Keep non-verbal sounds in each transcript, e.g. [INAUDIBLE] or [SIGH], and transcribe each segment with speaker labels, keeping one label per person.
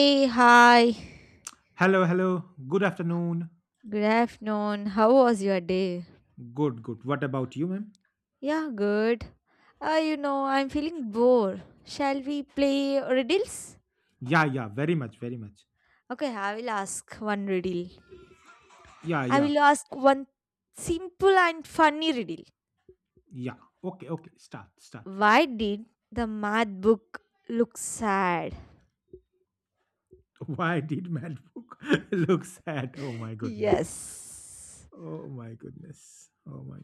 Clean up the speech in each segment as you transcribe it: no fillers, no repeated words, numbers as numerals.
Speaker 1: Hey, hi.
Speaker 2: Hello, hello. Good afternoon.
Speaker 1: Good afternoon. How was your day?
Speaker 2: Good, good. What about you, ma'am?
Speaker 1: Yeah, good. I'm feeling bored. Shall we play riddles?
Speaker 2: Yeah, yeah. Very much, very much.
Speaker 1: Okay, I will ask one riddle.
Speaker 2: Yeah,
Speaker 1: I
Speaker 2: yeah,
Speaker 1: will ask one simple and funny riddle.
Speaker 2: yeah. Okay, okay. Start, start.
Speaker 1: Why did the math book look sad?
Speaker 2: [LAUGHS] Why did Book [LAUGHS] look sad? Oh my goodness.
Speaker 1: Yes.
Speaker 2: Oh my goodness. Oh my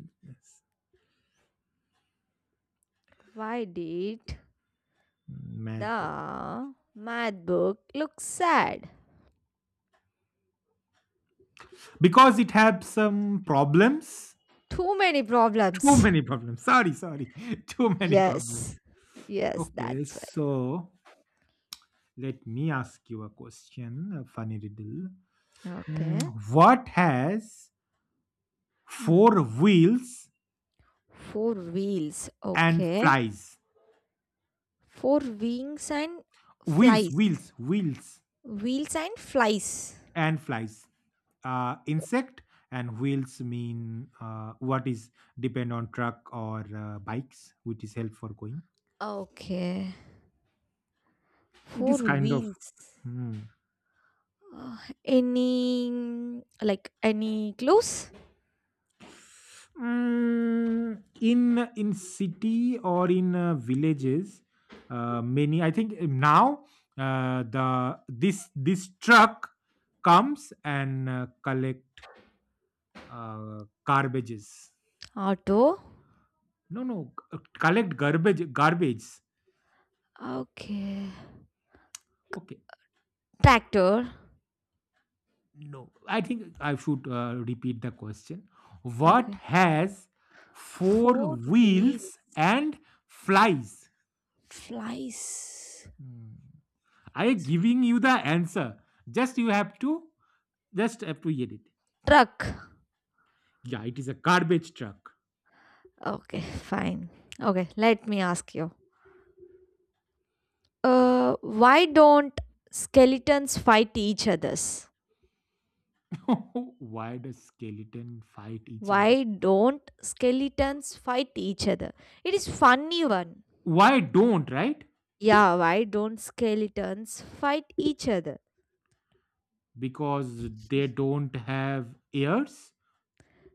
Speaker 1: Why did
Speaker 2: goodness. Book.
Speaker 1: the math book look sad?
Speaker 2: Because it had some problems.
Speaker 1: Too many
Speaker 2: Too
Speaker 1: problems.
Speaker 2: many problems. Sorry, sorry. [LAUGHS] Too many
Speaker 1: Yes.
Speaker 2: problems.
Speaker 1: Yes,
Speaker 2: Okay,
Speaker 1: that's
Speaker 2: so let me ask you a question, a funny riddle. Mm,
Speaker 1: okay.
Speaker 2: what has
Speaker 1: Mm.
Speaker 2: four wheels
Speaker 1: Four wheels.
Speaker 2: and
Speaker 1: Okay.
Speaker 2: flies?
Speaker 1: Four wings and
Speaker 2: wheels
Speaker 1: flies.
Speaker 2: wheels wheels
Speaker 1: Wheels and flies.
Speaker 2: and flies. Insect. And wheels mean, what is depend on truck or bikes which is help for going.
Speaker 1: Okay.
Speaker 2: It
Speaker 1: Four
Speaker 2: is kind of.
Speaker 1: wheels.
Speaker 2: Hmm.
Speaker 1: Uh, any like any clues?
Speaker 2: In city or in villages, many I think now, the this truck comes and, collect, garbages.
Speaker 1: Auto.
Speaker 2: No, no, collect garbage,
Speaker 1: Okay.
Speaker 2: okay.
Speaker 1: Tractor.
Speaker 2: No, I think I should repeat the question. What
Speaker 1: Okay.
Speaker 2: has four
Speaker 1: Four wheels.
Speaker 2: wheels and flies?
Speaker 1: Flies.
Speaker 2: Hmm. I am giving you the answer. Just you have to get it.
Speaker 1: Truck.
Speaker 2: Yeah, it is a garbage truck.
Speaker 1: Okay, fine. Okay, let me ask you. Why don't skeletons fight each others?
Speaker 2: [LAUGHS] Why does skeleton fight each other?
Speaker 1: Why don't skeletons fight each other? It is funny one.
Speaker 2: Why don't? Right.
Speaker 1: Yeah, why don't skeletons fight each other?
Speaker 2: Because they don't have ears.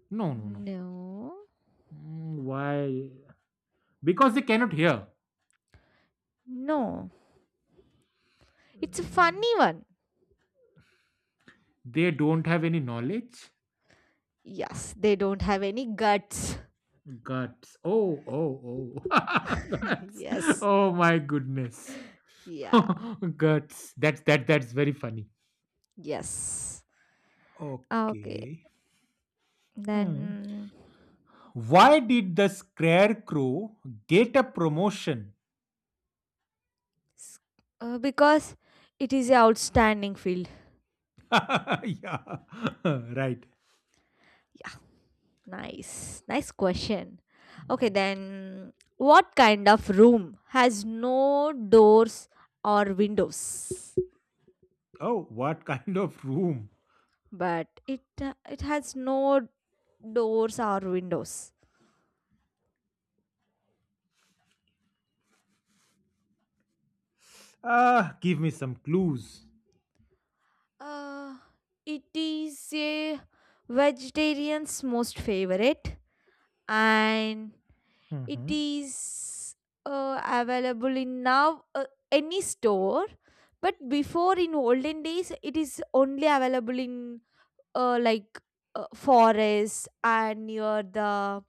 Speaker 2: No, no, no.
Speaker 1: No,
Speaker 2: Why? Because they cannot hear.
Speaker 1: no, it's a
Speaker 2: Mm.
Speaker 1: funny one.
Speaker 2: They don't have any knowledge.
Speaker 1: Yes, they don't have any guts.
Speaker 2: Guts. Oh, oh, oh. [LAUGHS]
Speaker 1: [LAUGHS]
Speaker 2: Guts.
Speaker 1: Yes,
Speaker 2: Oh my goodness.
Speaker 1: yeah,
Speaker 2: [LAUGHS] Guts. That's that's very funny.
Speaker 1: yes. Okay,
Speaker 2: Okay. Mm.
Speaker 1: then
Speaker 2: Why did the scarecrow get a promotion?
Speaker 1: s- because it is a outstanding field.
Speaker 2: [LAUGHS] Yeah. [LAUGHS] Right.
Speaker 1: Yeah, nice. Nice question. Okay, then what kind of room has no doors or windows?
Speaker 2: Oh, what kind of room?
Speaker 1: But it has no doors or windows.
Speaker 2: Ah, give me some clues.
Speaker 1: Uh, it is a vegetarian's most favorite, and it
Speaker 2: Mm-hmm.
Speaker 1: is available in now any store. But before in olden days, it is only available in like forests and near the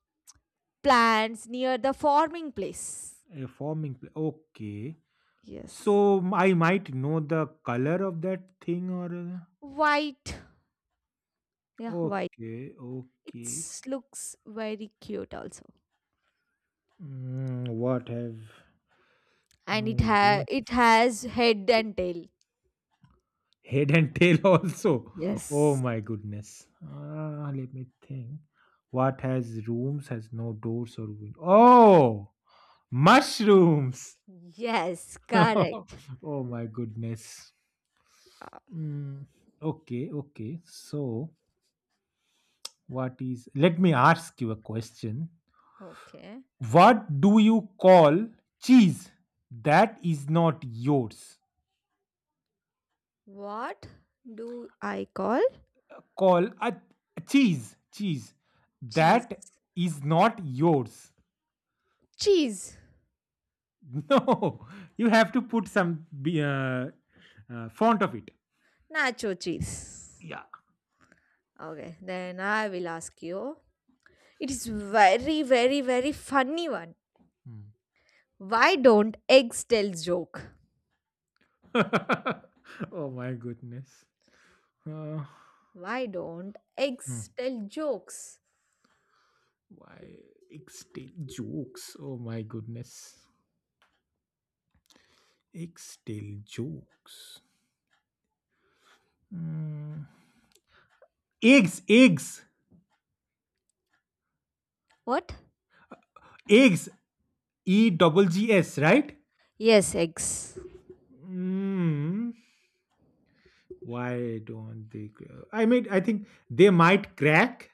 Speaker 1: plants near the farming place.
Speaker 2: A forming pla- Okay.
Speaker 1: Yes,
Speaker 2: So m- I might know the color of that thing or,
Speaker 1: white. Yeah, white.
Speaker 2: okay,
Speaker 1: It
Speaker 2: okay.
Speaker 1: looks very cute also.
Speaker 2: What have
Speaker 1: And
Speaker 2: no room?
Speaker 1: it has head and tail.
Speaker 2: Head and tail [LAUGHS] also. Oh
Speaker 1: Yes.
Speaker 2: my goodness. Let me think. What has rooms, has no doors or window? Oh, mushrooms.
Speaker 1: Yes, correct.
Speaker 2: [LAUGHS] Oh my goodness.
Speaker 1: Ah,
Speaker 2: Mm, okay, okay. So, what is. Let me ask you a question.
Speaker 1: okay.
Speaker 2: What do you call cheese that is not yours?
Speaker 1: What do I call
Speaker 2: Call a cheese
Speaker 1: cheese?
Speaker 2: that is not yours.
Speaker 1: Cheese?
Speaker 2: [LAUGHS] No, you have to put some be- font of it.
Speaker 1: Nacho cheese.
Speaker 2: Yeah.
Speaker 1: Okay, then I will ask you. It is very, very, very funny one.
Speaker 2: Hmm.
Speaker 1: Why don't eggs tell joke?
Speaker 2: [LAUGHS] Oh my goodness. Uh,
Speaker 1: Why don't
Speaker 2: hmm.
Speaker 1: eggs tell jokes?
Speaker 2: Why extell jokes? Oh my goodness. Extell jokes. Hmm. Eggs, eggs,
Speaker 1: What?
Speaker 2: eggs. E double G S, right?
Speaker 1: Yes, eggs. [LAUGHS]
Speaker 2: Mm, why don't they? Cra- I mean, I think they might crack.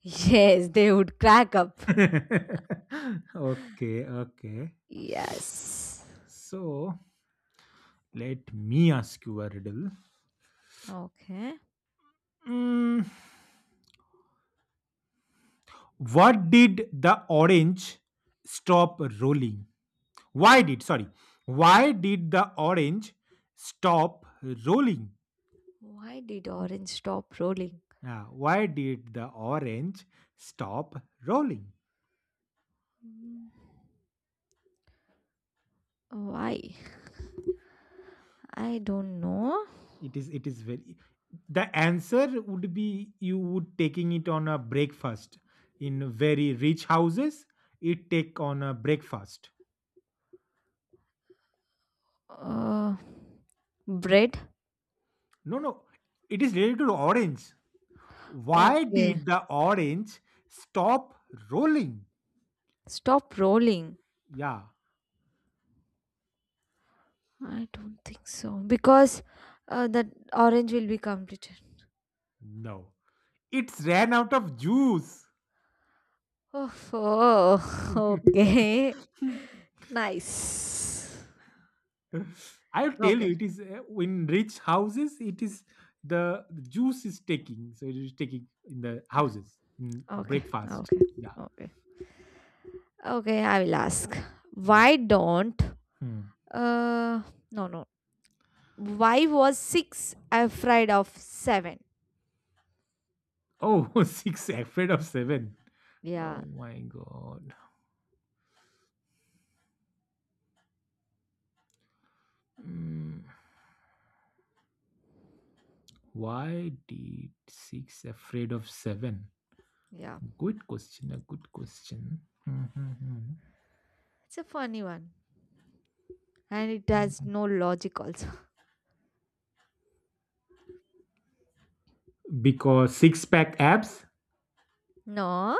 Speaker 1: Yes, they would crack up.
Speaker 2: [LAUGHS] Okay, okay.
Speaker 1: Yes.
Speaker 2: So let me ask you a riddle.
Speaker 1: Okay.
Speaker 2: Mm, what did the orange stop rolling? Why did, sorry, why did the orange stop rolling?
Speaker 1: Why did orange stop rolling?
Speaker 2: Ah, why did the orange stop rolling?
Speaker 1: Mm, Why? I don't know.
Speaker 2: It is very, the answer would be you would taking it on a breakfast in very rich houses. It take on a breakfast.
Speaker 1: Uh, bread?
Speaker 2: No, no, it is related to orange. Why
Speaker 1: Okay.
Speaker 2: did the orange stop rolling?
Speaker 1: Stop rolling.
Speaker 2: Yeah.
Speaker 1: I don't think so. Because that orange will be complete.
Speaker 2: No, it's ran out of juice.
Speaker 1: Oh, [LAUGHS]
Speaker 2: [LAUGHS]
Speaker 1: oh, okay. Nice.
Speaker 2: I'll tell
Speaker 1: Okay.
Speaker 2: you, it is, in rich houses it is. The juice is taking, so it is taking in the houses in
Speaker 1: Okay,
Speaker 2: breakfast.
Speaker 1: okay,
Speaker 2: Yeah.
Speaker 1: okay. Okay, I will ask.
Speaker 2: Yeah.
Speaker 1: Why don't
Speaker 2: Hmm.
Speaker 1: uh no, no. Why was six afraid of seven?
Speaker 2: Oh, [LAUGHS] six afraid of seven.
Speaker 1: Yeah,
Speaker 2: Oh my god. Hmm. Why did six afraid of seven?
Speaker 1: yeah.
Speaker 2: Good question. A good question. Hmm, hmm, hmm.
Speaker 1: It's a funny one. And it has
Speaker 2: Hmm.
Speaker 1: no logic also.
Speaker 2: Because six pack abs?
Speaker 1: No,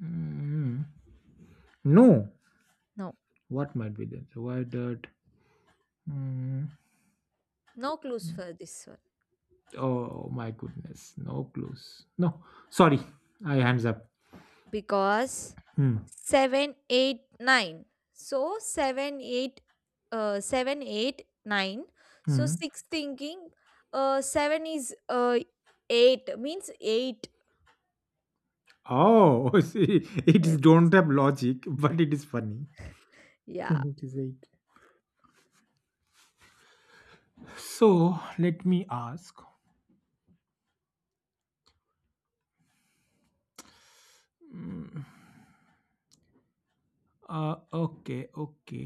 Speaker 2: Hmm. No.
Speaker 1: no.
Speaker 2: What might be that? Why did? Hmm.
Speaker 1: No clues for this one.
Speaker 2: Oh my goodness. No clues. No. Sorry. I hands up.
Speaker 1: Because
Speaker 2: Hmm.
Speaker 1: 7, 8, 9. So 7 8, 7, 8, 9. So
Speaker 2: Hmm.
Speaker 1: 6 thinking, 7 is, 8 means 8.
Speaker 2: Oh, [LAUGHS] see, it is
Speaker 1: Yes.
Speaker 2: don't have logic, but it is funny. [LAUGHS]
Speaker 1: Yeah.
Speaker 2: It is eight. So let me ask. Mm, okay, okay,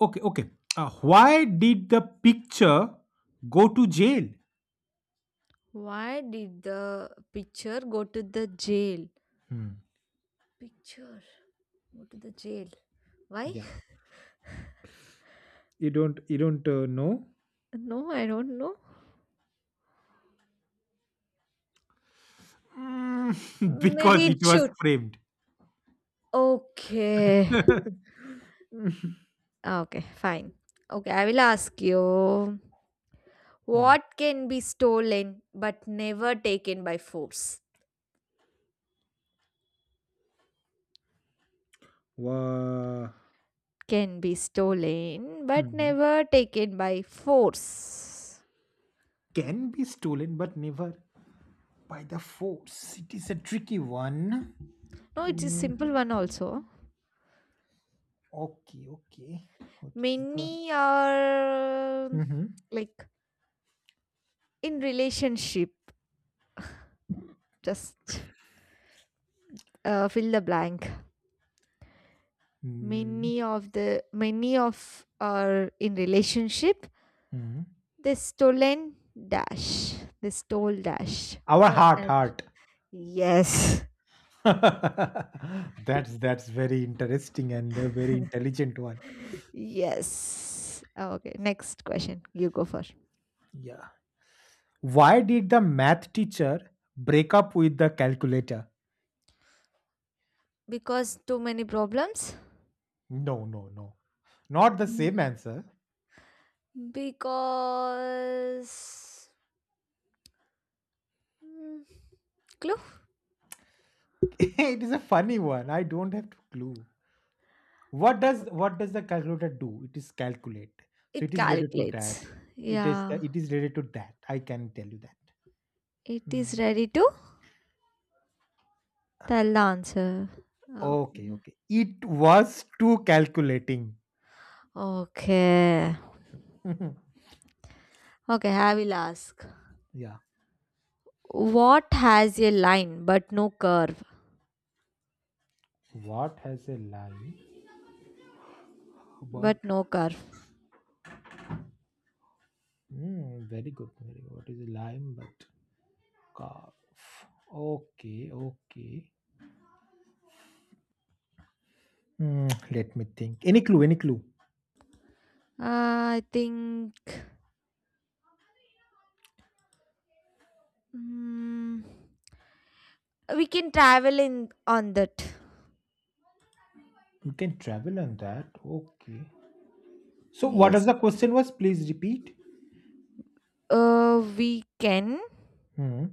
Speaker 2: okay, okay. Why did the picture go to jail?
Speaker 1: Why did the picture go to the jail?
Speaker 2: Hmm.
Speaker 1: Picture go to the jail? Why? [LAUGHS]
Speaker 2: Yeah. You don't know?
Speaker 1: No, I don't know.
Speaker 2: [LAUGHS] Because
Speaker 1: Maybe it
Speaker 2: it was
Speaker 1: should.
Speaker 2: framed.
Speaker 1: Okay.
Speaker 2: [LAUGHS]
Speaker 1: Ah, okay, fine. Okay, I will ask you.
Speaker 2: Hmm.
Speaker 1: What can be stolen but never taken by force?
Speaker 2: Wha-
Speaker 1: Can be stolen but
Speaker 2: Mhm.
Speaker 1: never taken by force.
Speaker 2: Can be stolen, but never by the force. It is a tricky one.
Speaker 1: No, it is simple one
Speaker 2: Mm,
Speaker 1: also.
Speaker 2: okay, okay. What is the.
Speaker 1: Many are
Speaker 2: Mhm.
Speaker 1: like in relationship. Just fill the blank.
Speaker 2: Mm,
Speaker 1: Many of are in relationship.
Speaker 2: mhm.
Speaker 1: They stolen dash. They stole dash
Speaker 2: Our
Speaker 1: for
Speaker 2: heart,
Speaker 1: another.
Speaker 2: heart.
Speaker 1: Yes.
Speaker 2: [LAUGHS] That's very interesting and a very intelligent one.
Speaker 1: Yes. Oh, okay. Next question. You go first.
Speaker 2: Yeah. Why did the math teacher break up with the calculator?
Speaker 1: Because too many problems?
Speaker 2: No, no, no. Not the
Speaker 1: Yeah.
Speaker 2: same answer.
Speaker 1: Because. Mm, clue?
Speaker 2: [LAUGHS] It is a funny one. I don't have to clue. What does the calculator do? It is calculate. So
Speaker 1: It
Speaker 2: it is related to
Speaker 1: calculates.
Speaker 2: that. It is
Speaker 1: Yeah.
Speaker 2: it is related to that. I can tell you that.
Speaker 1: It is
Speaker 2: Hmm.
Speaker 1: ready to tell the answer.
Speaker 2: Okay,
Speaker 1: Okay.
Speaker 2: okay. It was too calculating.
Speaker 1: Okay.
Speaker 2: [LAUGHS] Mhm.
Speaker 1: Okay, I will ask.
Speaker 2: Yeah.
Speaker 1: What has a line but no curve?
Speaker 2: What has a lime? But
Speaker 1: But no curve.
Speaker 2: very good, very good. What is a lime? But calf. Okay, okay. Hmm, let me think. Any clue? Any clue?
Speaker 1: Uh, I think. Mm, we can travel in on that.
Speaker 2: You can travel on that. Okay. So, what was
Speaker 1: Yes,
Speaker 2: the question? Was please repeat.
Speaker 1: uh we can
Speaker 2: Hmm.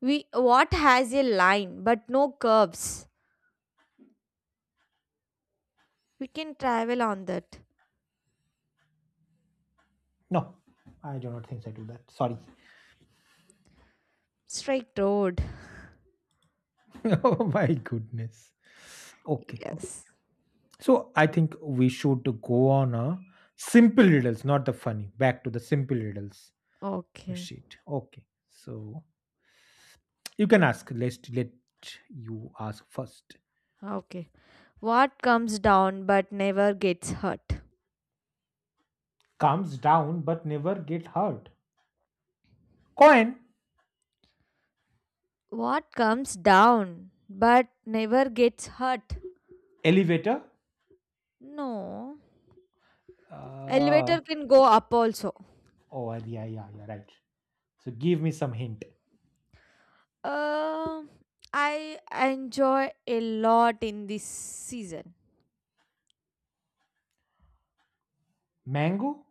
Speaker 1: we what has a line but no curves? We can travel on that.
Speaker 2: No, I do not think so. I do that. Sorry.
Speaker 1: Straight road.
Speaker 2: [LAUGHS] Oh my goodness. Okay. Okay.
Speaker 1: Yes.
Speaker 2: So I think we should go on a simple riddles, not the funny. Back to the simple riddles.
Speaker 1: Okay,
Speaker 2: Shit. Okay. So you can ask. Let's let you ask first.
Speaker 1: okay. What comes down but never gets hurt?
Speaker 2: Calms down, but never get hurt. Coin
Speaker 1: What comes down but never gets hurt?
Speaker 2: elevator.
Speaker 1: No.
Speaker 2: Uh,
Speaker 1: Elevator can go up also.
Speaker 2: oh, yeah, yeah, yeah. Yeah, right. So give me some hint.
Speaker 1: um I enjoy a lot in this season.
Speaker 2: Mango,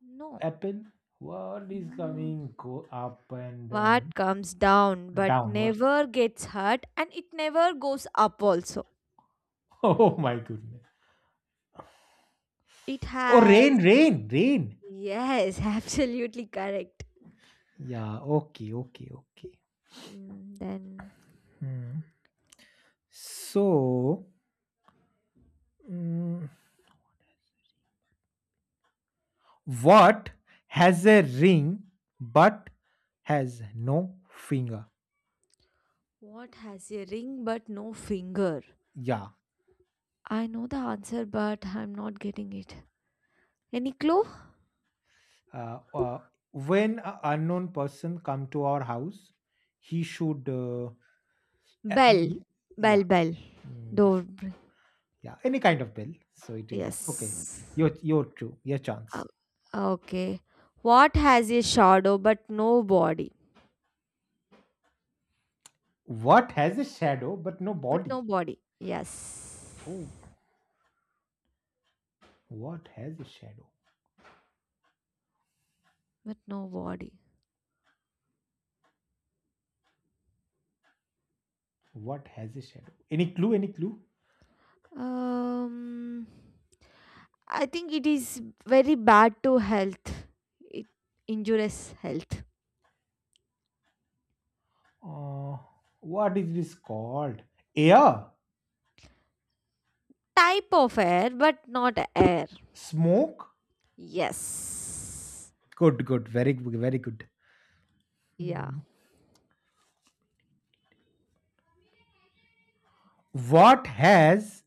Speaker 1: No.
Speaker 2: apple. What is
Speaker 1: No.
Speaker 2: coming? Go up and,
Speaker 1: What comes down but
Speaker 2: down. What? [LAUGHS]
Speaker 1: never gets hurt, and it never goes up also.
Speaker 2: Oh my goodness.
Speaker 1: It
Speaker 2: Oh, rain,
Speaker 1: has.
Speaker 2: rain, rain.
Speaker 1: Yes, [LAUGHS] absolutely correct.
Speaker 2: Yeah. Okay. Okay. Okay.
Speaker 1: Then,
Speaker 2: Hmm. So. mm, What has a ring but has no finger?
Speaker 1: what has a ring but no finger?
Speaker 2: Yeah.
Speaker 1: I know the answer, but I'm not getting it. Any clue?
Speaker 2: Uh, uh, when an unknown person come to our house, he should. A-
Speaker 1: Bell.
Speaker 2: mhm. Yeah,
Speaker 1: Bell, bell.
Speaker 2: yeah,
Speaker 1: Door.
Speaker 2: yeah. Any kind of bill. So it is okay.
Speaker 1: Yes.
Speaker 2: Your true your chance.
Speaker 1: Uh, okay. What has a shadow but no body?
Speaker 2: What has a shadow but no
Speaker 1: But
Speaker 2: body?
Speaker 1: no body. Yes.
Speaker 2: Oh, what has a shadow?
Speaker 1: But no body.
Speaker 2: What has a shadow? Any clue? Any clue?
Speaker 1: Um, I think it is very bad to health. It injures health.
Speaker 2: Uh, what is this called? Air,
Speaker 1: Type of air, but not air.
Speaker 2: smoke.
Speaker 1: Yes.
Speaker 2: Good, good. Very, g- very good.
Speaker 1: Yeah.
Speaker 2: Hmm. What has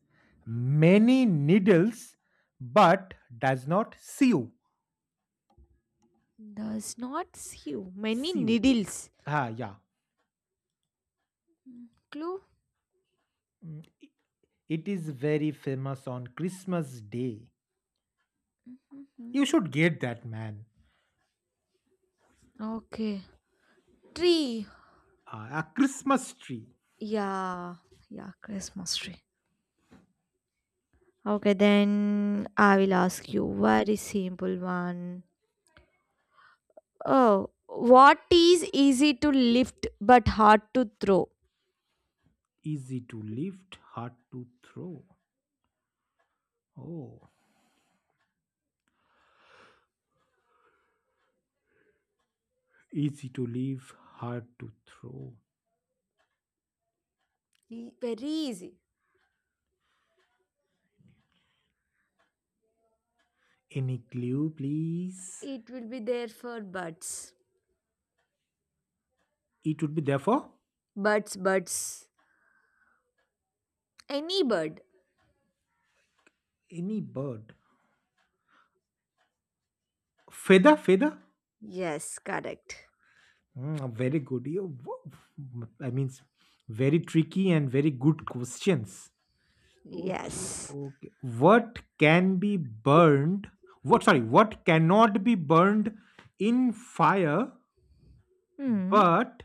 Speaker 2: many needles but does not sew?
Speaker 1: Does not skew. Many
Speaker 2: Sew.
Speaker 1: needles.
Speaker 2: Ah, yeah.
Speaker 1: Mm, Clue?
Speaker 2: It is very famous on Christmas Day. You
Speaker 1: Mhm.
Speaker 2: should get that, man.
Speaker 1: Okay. Tree.
Speaker 2: Ah, a Christmas tree.
Speaker 1: Yeah. Yeah, Christmas tree. Okay, then I will ask you very simple one. Oh, what is easy to lift but hard to throw?
Speaker 2: Easy to lift, hard to throw. Oh, easy to lift, hard to throw.
Speaker 1: Very easy.
Speaker 2: Any clue, please?
Speaker 1: It will be there for birds.
Speaker 2: It would be therefore
Speaker 1: Birds, birds. Any bird.
Speaker 2: any bird. Feather, feather.
Speaker 1: Yes, correct.
Speaker 2: Very good. You, wo- I mean, s- very tricky and very good questions. Okay,
Speaker 1: Yes.
Speaker 2: okay. What can be burned? What, sorry, what cannot be burned in fire,
Speaker 1: Hmm.
Speaker 2: but,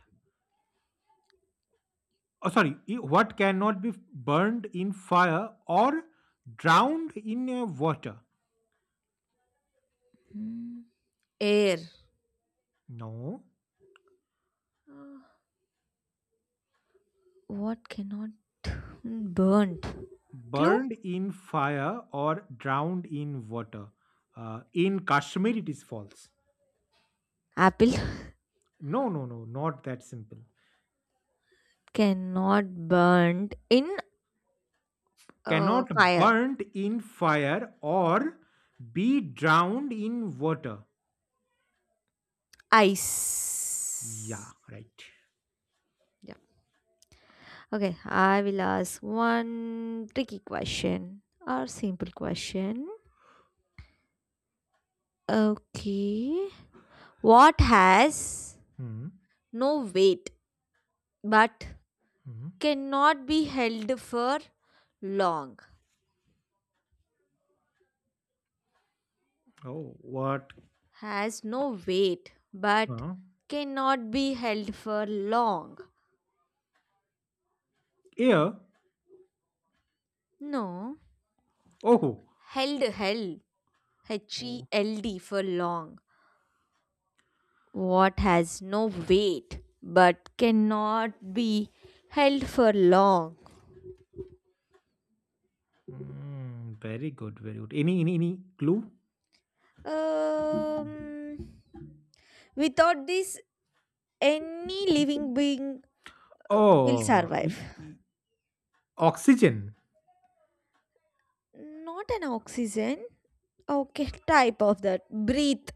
Speaker 2: oh, sorry, I- what cannot be burned in fire or drowned in, water?
Speaker 1: Hmm. Air.
Speaker 2: No,
Speaker 1: Uh, What cannot burn? Clue?
Speaker 2: burned in fire or drowned in water. In Kashmir, it is false.
Speaker 1: Apple.
Speaker 2: No, no, no, not that simple.
Speaker 1: [LAUGHS] Cannot burn in
Speaker 2: Cannot
Speaker 1: fire.
Speaker 2: burnt in fire or be drowned in water.
Speaker 1: Ice.
Speaker 2: Yeah, right.
Speaker 1: Yeah. Okay, I will ask one tricky question or simple question. Okay. What has
Speaker 2: Hmm.
Speaker 1: no weight but
Speaker 2: Hmm.
Speaker 1: cannot be held for long?
Speaker 2: Oh, what?
Speaker 1: Has no weight but
Speaker 2: Huh?
Speaker 1: cannot be held for long.
Speaker 2: Air.
Speaker 1: No.
Speaker 2: Oh.
Speaker 1: Held, held. H E
Speaker 2: Oh.
Speaker 1: L D for long. What has no weight but cannot be held for long?
Speaker 2: Very good. Very good. Any clue?
Speaker 1: Um, without this, any living being will
Speaker 2: Oh,
Speaker 1: survive.
Speaker 2: e- oxygen.
Speaker 1: Not an oxygen. Okay, type of that. Breathe.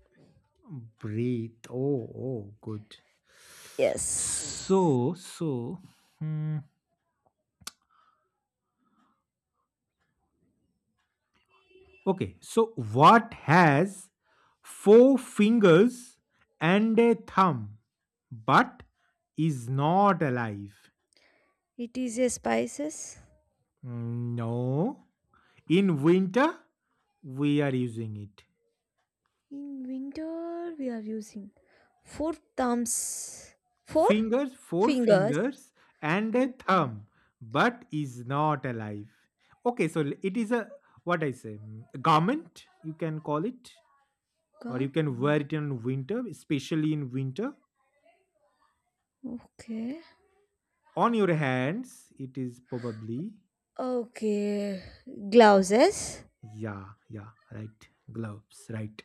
Speaker 2: Breathe. Oh, oh, good.
Speaker 1: Yes.
Speaker 2: So. Hmm. Okay, so what has four fingers and a thumb but is not alive?
Speaker 1: It is a spices.
Speaker 2: No. In winter, we are using it.
Speaker 1: In winter, we are using four thumbs, four
Speaker 2: Fingers, four
Speaker 1: fingers.
Speaker 2: fingers and a
Speaker 1: One thumb.
Speaker 2: thumb but is not alive. Okay, so l- it is a what I say, a garment, you can call it, or
Speaker 1: God.
Speaker 2: you can wear it in winter, especially in winter.
Speaker 1: Okay.
Speaker 2: On your hands, it is probably.
Speaker 1: Okay. Gloves.
Speaker 2: Yeah, yeah, right. Gloves, right.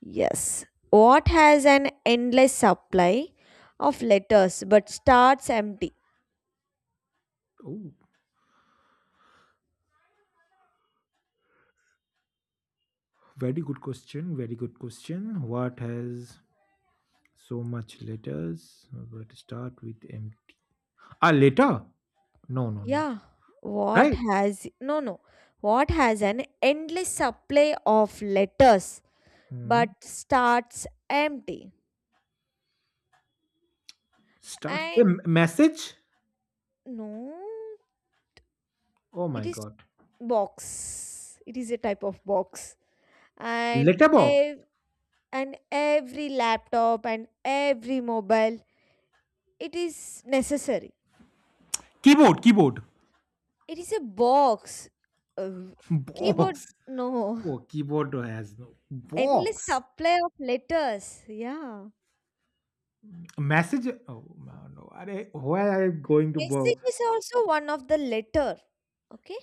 Speaker 1: Yes. What has an endless supply of letters but starts empty?
Speaker 2: Oh, very good question. Very good question. What has so much letters? But start with empty. Ah, letter? No, no, no.
Speaker 1: Yeah. What
Speaker 2: Right?
Speaker 1: has no, no. What has an endless supply of letters
Speaker 2: Hmm.
Speaker 1: but starts empty?
Speaker 2: Start the
Speaker 1: And
Speaker 2: m- message.
Speaker 1: no,
Speaker 2: Oh my
Speaker 1: it is
Speaker 2: god.
Speaker 1: box. It is a type of box. And
Speaker 2: Letterbox.
Speaker 1: every laptop and every mobile, it is necessary.
Speaker 2: Keyboard, keyboard.
Speaker 1: It is a box. Uh, keyboard,
Speaker 2: Box.
Speaker 1: no.
Speaker 2: Oh, keyboard has no
Speaker 1: Endless
Speaker 2: box.
Speaker 1: supply of letters. Yeah.
Speaker 2: Message. Oh no, no. Are, where I am going to
Speaker 1: Message
Speaker 2: bo?
Speaker 1: is also one of the letter. Okay.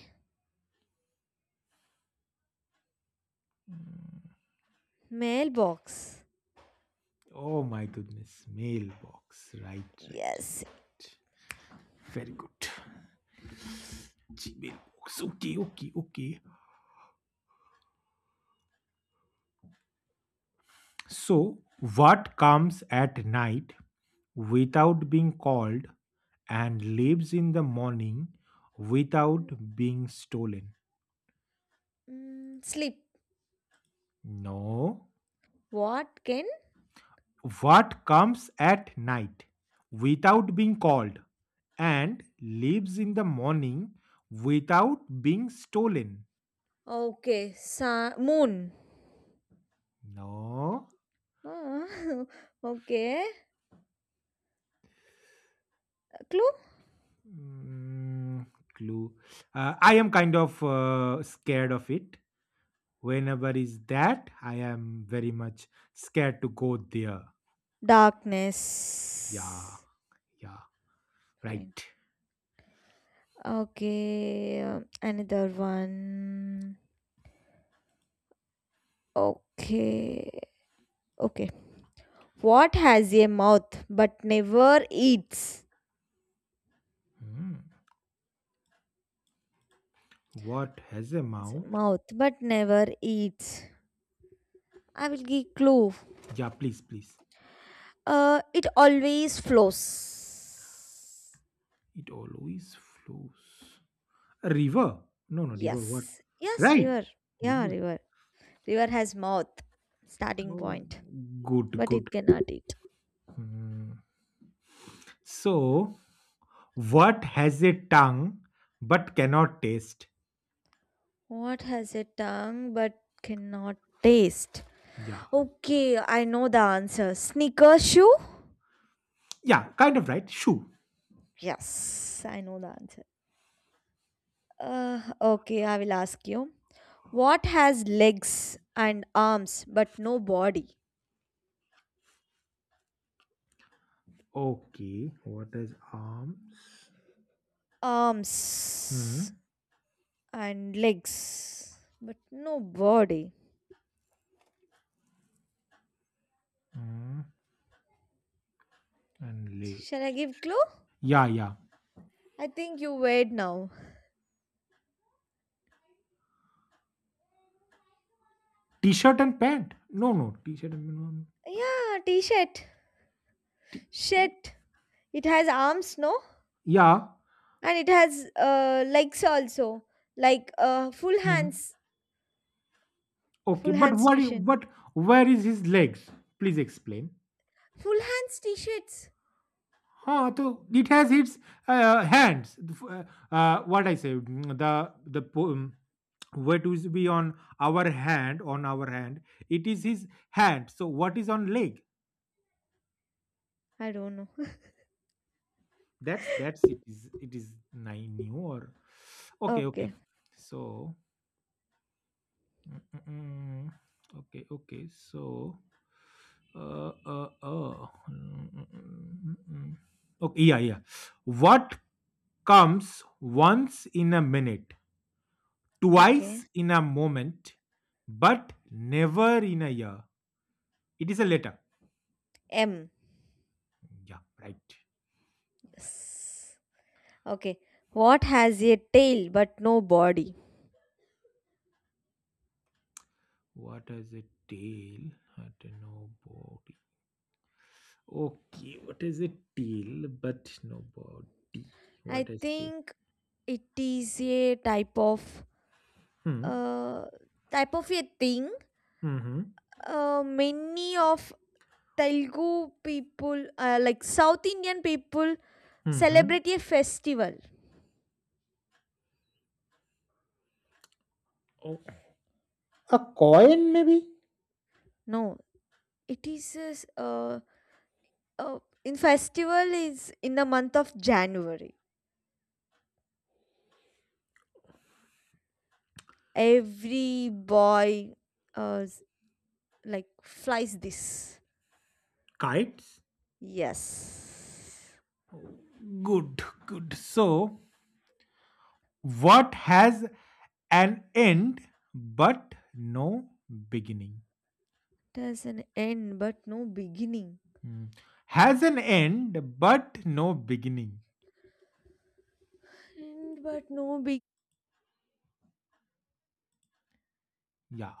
Speaker 1: Mailbox.
Speaker 2: Oh my goodness. Mailbox. Right, right.
Speaker 1: Yes.
Speaker 2: Very good. Gmail box. Okay, okay, okay. So, what comes at night without being called and lives in the morning without being stolen?
Speaker 1: Sleep.
Speaker 2: No.
Speaker 1: What can?
Speaker 2: What comes at night without being called and lives in the morning without being stolen?
Speaker 1: Okay. Sun, moon.
Speaker 2: No.
Speaker 1: Ah, [LAUGHS] okay. Clue?
Speaker 2: Mm, Clue. I am kind of scared of it. Whenever is that, I am very much scared to go there. Yeah,
Speaker 1: Darkness.
Speaker 2: yeah,
Speaker 1: Fine.
Speaker 2: right.
Speaker 1: Okay. Another one. Okay. Okay. What has a mouth but never eats?
Speaker 2: Hmm. What has a mouth?
Speaker 1: Mouth but never eats. I will give clue.
Speaker 2: Yeah, please, please.
Speaker 1: It always flows.
Speaker 2: It always flows. A river? No, no, river. What?
Speaker 1: Yes. Yes,
Speaker 2: Right.
Speaker 1: river. Yeah,
Speaker 2: River.
Speaker 1: river. River has mouth. Starting
Speaker 2: Oh,
Speaker 1: point.
Speaker 2: good,
Speaker 1: But
Speaker 2: good.
Speaker 1: it cannot eat.
Speaker 2: Hmm. So, what has a tongue but cannot taste?
Speaker 1: What has a tongue but cannot taste?
Speaker 2: Yeah.
Speaker 1: Okay, I know the answer. Sneaker shoe?
Speaker 2: Yeah, kind of right. Shoe.
Speaker 1: Yes, I know the answer. Okay, I will ask you. What has legs and arms but no body?
Speaker 2: Okay. What is arms?
Speaker 1: Arms
Speaker 2: Hmm.
Speaker 1: and legs but no body.
Speaker 2: Hmm. And leg.
Speaker 1: Shall I give clue?
Speaker 2: Yeah, yeah.
Speaker 1: I think you wait now.
Speaker 2: T-shirt and pant. No, no. T-shirt and no.
Speaker 1: Yeah, t-shirt.
Speaker 2: No.
Speaker 1: Shirt. It has arms, no?
Speaker 2: Yeah.
Speaker 1: And it has legs also. Like full
Speaker 2: Hmm.
Speaker 1: hands.
Speaker 2: Okay,
Speaker 1: Full
Speaker 2: but
Speaker 1: hands
Speaker 2: what? I-
Speaker 1: t-shirt.
Speaker 2: But where is his legs? Please explain.
Speaker 1: Full hands t-shirts.
Speaker 2: Huh? So it has
Speaker 1: It-
Speaker 2: its hands. The f- what I say? The po- what is be on our hand? It is his hand. So what is on leg?
Speaker 1: I don't know. [LAUGHS]
Speaker 2: That's it is I new or okay, okay.
Speaker 1: Okay.
Speaker 2: So mm, mm, mm, okay, okay. So uh uh uh mm, mm, mm, mm. Okay, yeah, yeah. What comes once in a minute, twice
Speaker 1: Okay.
Speaker 2: in a moment, but never in a year? It is a letter.
Speaker 1: M.
Speaker 2: Yeah, right.
Speaker 1: Yes. Okay. What has a tail but no body?
Speaker 2: What is a tail? I don't know an. Okay, what is a tail but no body? What
Speaker 1: I
Speaker 2: is tail?
Speaker 1: think it is a type of
Speaker 2: Hmm.
Speaker 1: uh a thing.
Speaker 2: Mm-hmm.
Speaker 1: Many of Telugu people, like South Indian people,
Speaker 2: Mm-hmm.
Speaker 1: celebrate a festival.
Speaker 2: Oh, a coin, maybe?
Speaker 1: No, it is a uh in festival is in the month of January. Every boy uh s- like flies this.
Speaker 2: Kites?
Speaker 1: Yes.
Speaker 2: Oh, good, good. So, what has an end but no beginning?
Speaker 1: It has an end but no beginning.
Speaker 2: Hmm. Has an end but no beginning.
Speaker 1: End but no beginning.
Speaker 2: Yeah.